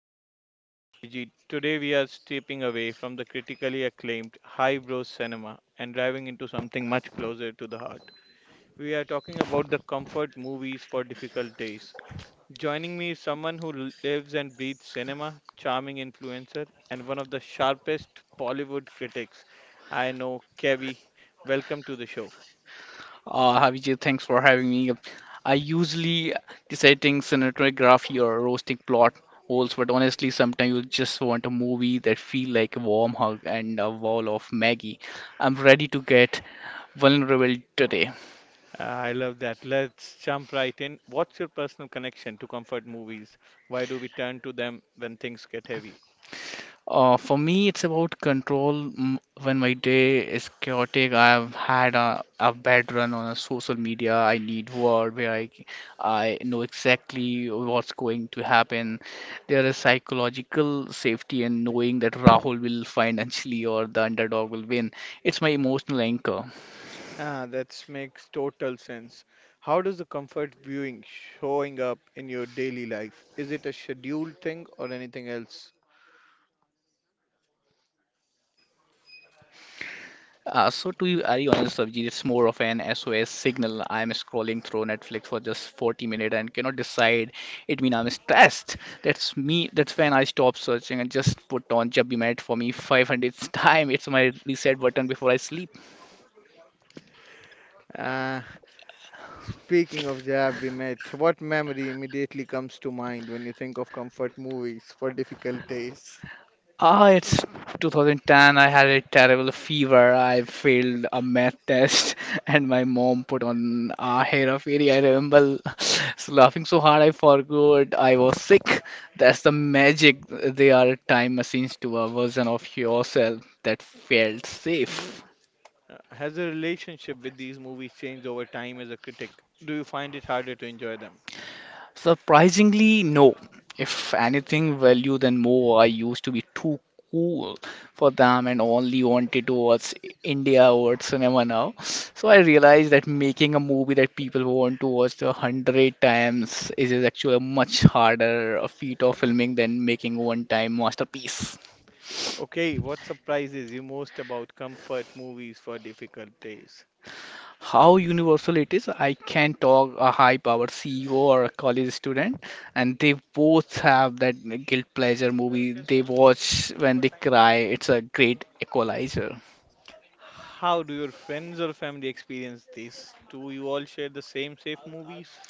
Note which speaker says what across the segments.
Speaker 1: I am your host Abhijit. Today we are stepping away from the critically acclaimed highbrow cinema and driving into something much closer to the heart. We are talking about the comfort movies for difficult days. Joining me is someone who lives and breathes cinema, charming influencer, and one of the sharpest Bollywood critics I know, Kevi. Welcome to the show.
Speaker 2: Abhijit, thanks for having me. I usually deciding cinematography or roasting plot holes, but honestly, sometimes you just want a movie that feel like a warm hug and a wall of Maggie. I'm ready to get vulnerable today.
Speaker 1: I love that. Let's jump right in. What's your personal connection to comfort movies? Why do we turn to them when things get heavy?
Speaker 2: For me, it's about control. When my day is chaotic, I've had a bad run on a social media. I need word where I know exactly what's going to happen. There is psychological safety in knowing that Rahul will financially or the underdog will win. It's my emotional anchor.
Speaker 1: Ah, that makes total sense. How does the comfort viewing showing up in your daily life? Is it a scheduled thing or anything else?
Speaker 2: So to be very honest, Abhijit, it's more of an SOS signal. I'm scrolling through Netflix for just 40 minutes and cannot decide. It mean I'm stressed. That's me. That's when I stop searching and just put on Jab Bhi Matt for me 500th time. It's my reset button before I sleep.
Speaker 1: Ah, Speaking of the we met, what memory immediately comes to mind when you think of comfort movies for difficult days?
Speaker 2: It's 2010. I had a terrible fever. I failed a math test, and my mom put on a hair of fairy. I remember laughing so hard I forgot I was sick. That's the magic. They are time machines to a version of yourself that felt safe.
Speaker 1: Has the relationship with these movies changed over time as a critic? Do you find it harder to enjoy them?
Speaker 2: Surprisingly, no. If anything, value then more. I used to be too cool for them and only wanted to watch India or cinema now. So I realized that making a movie that people want to watch 100 times is actually a much harder feat of filming than making one-time masterpiece.
Speaker 1: Okay, what surprises you most about comfort movies for difficult days?
Speaker 2: How universal it is. I can talk a high powered CEO or a college student, and they both have that guilt pleasure movie they watch when they cry. It's a great equalizer.
Speaker 1: How do your friends or family experience this? Do you all share the same safe movies?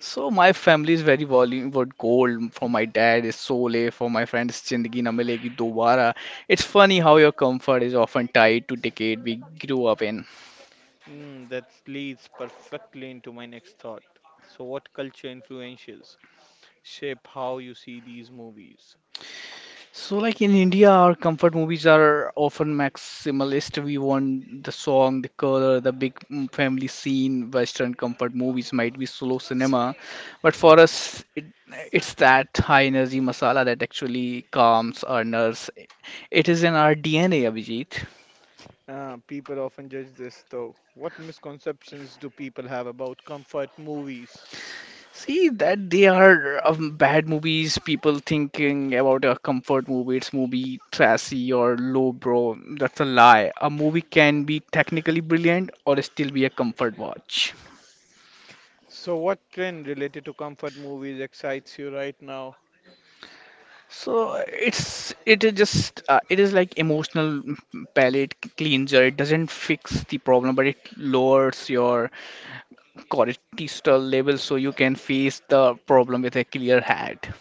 Speaker 2: So my family is very Bollywood gold. For my dad is Sole. For my friend is Zindagi Na Milegi Dobara. It's funny how your comfort is often tied to decade we grew up in.
Speaker 1: Mm, that leads perfectly into my next thought. So, what culture influences shape how you see these movies?
Speaker 2: So, like in India, our comfort movies are often maximalist. We want the song, the color, the big family scene. Western comfort movies might be slow cinema, but for us, it's that high energy masala that actually calms our nerves. It is in our DNA, Abhijit.
Speaker 1: People often judge this though. What misconceptions do people have about comfort movies?
Speaker 2: See that they are bad movies. People thinking about a comfort movie, it's movie trashy or lowbrow. That's a lie. A movie can be technically brilliant or still be a comfort watch.
Speaker 1: So, what trend related to comfort movies excites you right now?
Speaker 2: So it is like emotional palate cleanser. It doesn't fix the problem, but it lowers your cortisol level so you can face the problem with a clear head.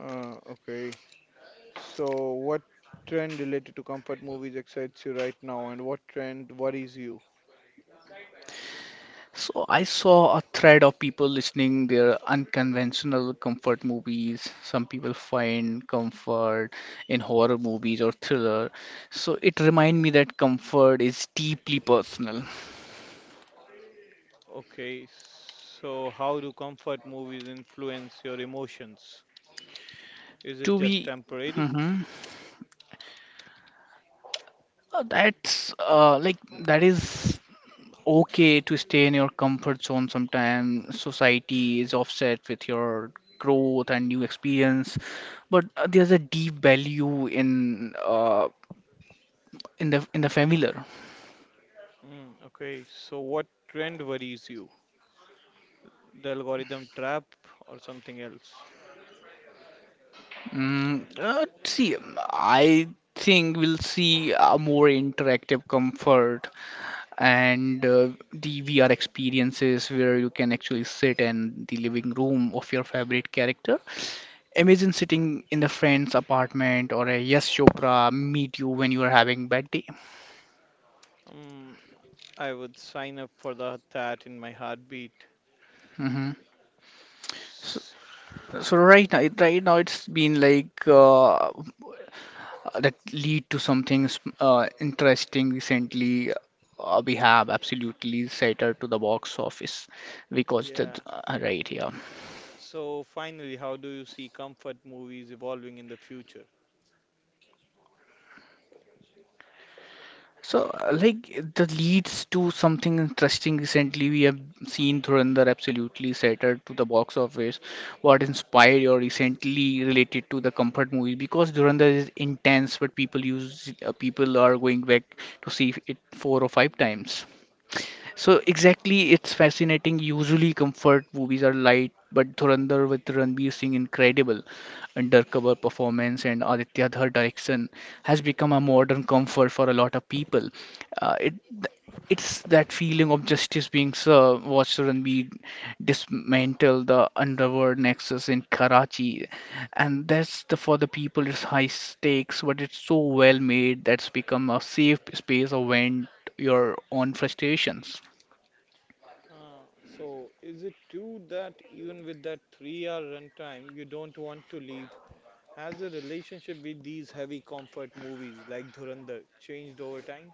Speaker 1: Okay. So, what trend related to comfort movies excites you right now, and what trend worries you?
Speaker 2: So I saw a thread of people listening their unconventional comfort movies. Some people find comfort in horror movies or thriller. So it reminded me that comfort is deeply personal.
Speaker 1: Okay, so how do comfort movies influence your emotions? Is it
Speaker 2: To
Speaker 1: just
Speaker 2: be
Speaker 1: temporary?
Speaker 2: Mhm. That's like that is okay to stay in your comfort zone sometimes. Society is offset with your growth and new experience, but there's a deep value in the familiar.
Speaker 1: Mm, okay, so what trend worries you? The algorithm trap or something else?
Speaker 2: See, I think we'll see a more interactive comfort and the VR experiences where you can actually sit in the living room of your favorite character. Imagine sitting in the friend's apartment or a Yes Chopra meet you when you are having bad day.
Speaker 1: Mm, I would sign up for that in my heartbeat.
Speaker 2: Hmm. So,
Speaker 1: S-
Speaker 2: so right now it's been like that lead to something interesting recently, we have absolutely shattered to the box office because the
Speaker 1: Yeah.
Speaker 2: right here.
Speaker 1: So finally, how do you see comfort movies evolving in the future?
Speaker 2: So like that leads to something interesting recently we have seen Dhurandhar absolutely shattered to the box office, what inspired you recently related to the comfort movie because Dhurandhar is intense but people are going back to see it four or five times. So exactly, it's fascinating. Usually, comfort movies are light, but Dhurandhar with Ranbir Singh incredible undercover performance and Aditya Dhar direction has become a modern comfort for a lot of people. Uh, it it's that feeling of justice being served. Watch Ranbir dismantle the underworld nexus in Karachi, and that's the for the people. It's high stakes, but it's so well made that's become a safe space of vent your own frustrations.
Speaker 1: So, is it true that even with that three-hour runtime, you don't want to leave? Has the relationship with these heavy comfort movies like Dhurandhar changed over time?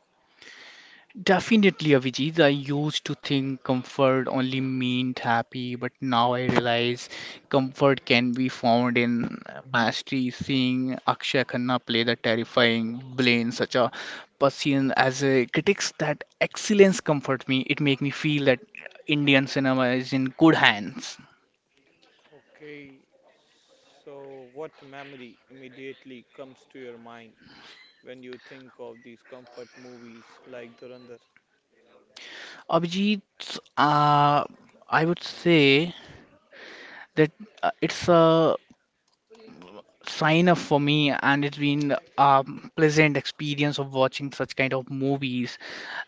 Speaker 2: Definitely, Avijit. I used to think comfort only meant happy, but now I realize comfort can be found in mastery. Seeing Akshay Khanna play the terrifying Blaine, such a person as a critics, that excellence comfort me. It make me feel that Indian cinema is in good hands.
Speaker 1: Okay, so what memory immediately comes to your mind when you think of these comfort movies like Dhurandhar?
Speaker 2: Abhijit, uh, I would say that it's a sign up for me and it's been a pleasant experience of watching such kind of movies,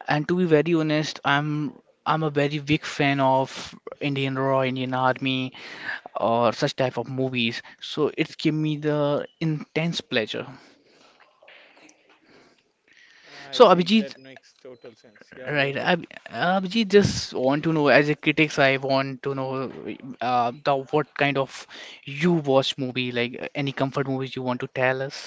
Speaker 2: and to be very honest, I'm a very big fan of Indian raw, Indian army, or such type of movies, so it's give me the intense pleasure.
Speaker 1: I
Speaker 2: So,
Speaker 1: see, that
Speaker 2: Abhijit,
Speaker 1: makes total sense. Yeah, go
Speaker 2: right,
Speaker 1: ahead.
Speaker 2: Abhijit, just want to know, as a critics I want to know, the what kind of you watch movie, like any comfort movies you want to tell us.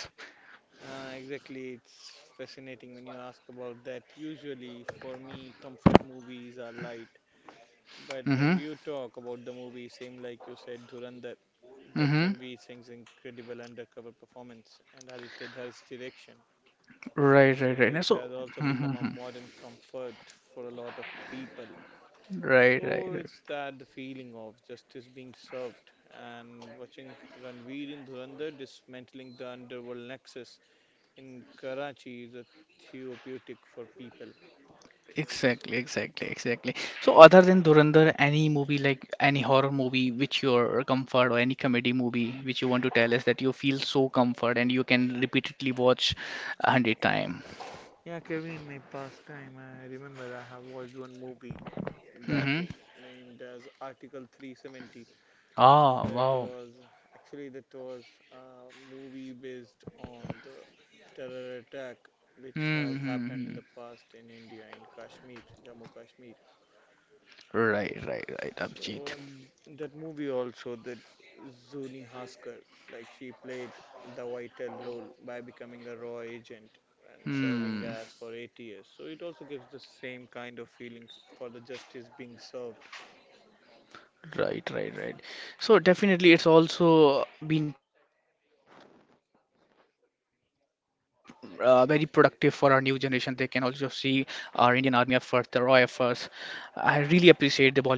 Speaker 1: Exactly, it's fascinating when you ask about that. Usually, for me, comfort movies are light, but when
Speaker 2: Mm-hmm,
Speaker 1: we talk about the movie, same like you said, Dhurandhar, that
Speaker 2: mm-hmm.
Speaker 1: Ranveer Singh's incredible undercover performance and Aditya Dhar's direction.
Speaker 2: Right, right,
Speaker 1: So
Speaker 2: right. Now,
Speaker 1: it
Speaker 2: so,
Speaker 1: has also
Speaker 2: hmm, hmm,
Speaker 1: become a
Speaker 2: hmm.
Speaker 1: modern comfort for a lot of people.
Speaker 2: Right, right,
Speaker 1: So
Speaker 2: right.
Speaker 1: it's that the feeling of justice being served and watching Ranveer in Dhurandhar dismantling the underworld nexus in Karachi is a therapeutic for people.
Speaker 2: Exactly, exactly, exactly. So, other than Dhurandhar, any movie like any horror movie which your comfort, or any comedy movie which you want to tell us that you feel so comfort and you can repeatedly watch 100 time.
Speaker 1: Yeah, Kevin, my past time, I remember I have watched one movie that
Speaker 2: Mm-hmm.
Speaker 1: named as Article 370.
Speaker 2: Ah,
Speaker 1: That
Speaker 2: wow.
Speaker 1: was that was a movie based on the terror attack which has happened in
Speaker 2: Mm-hmm.
Speaker 1: the past in India in Kashmir, Jammu Kashmir.
Speaker 2: Right, right, right,
Speaker 1: So
Speaker 2: Abhijit.
Speaker 1: and that movie also that Zuni Haskar, like she played the vital role by becoming a raw agent and serving
Speaker 2: Hmm.
Speaker 1: as for 8 years. So it also gives the same kind of feelings for the justice being served.
Speaker 2: Right, right, right. So definitely, it's also been very productive for our new generation. They can also see our Indian Army effort, the raw efforts. I really appreciate the Bollywood who's making such kind of movies, Abhijit.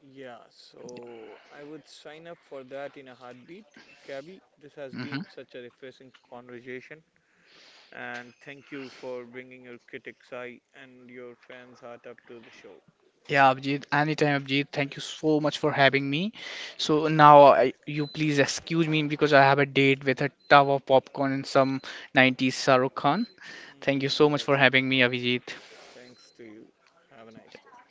Speaker 1: Yeah, so I would sign up for that in a heartbeat. Gabby,
Speaker 2: Hmm.
Speaker 1: this has been such a refreshing conversation, and thank you for bringing your critics' eye and your fans' heart up to the show.
Speaker 2: Yeah, Abhijit. Anytime, Abhijit. Thank you so much for having me. So now, you please excuse me because I have a date with a tub of popcorn and some '90s Shahrukh Khan. Thank you so much for
Speaker 1: That's it.
Speaker 2: having me, Abhijit.
Speaker 1: Thanks to you. Have a nice day.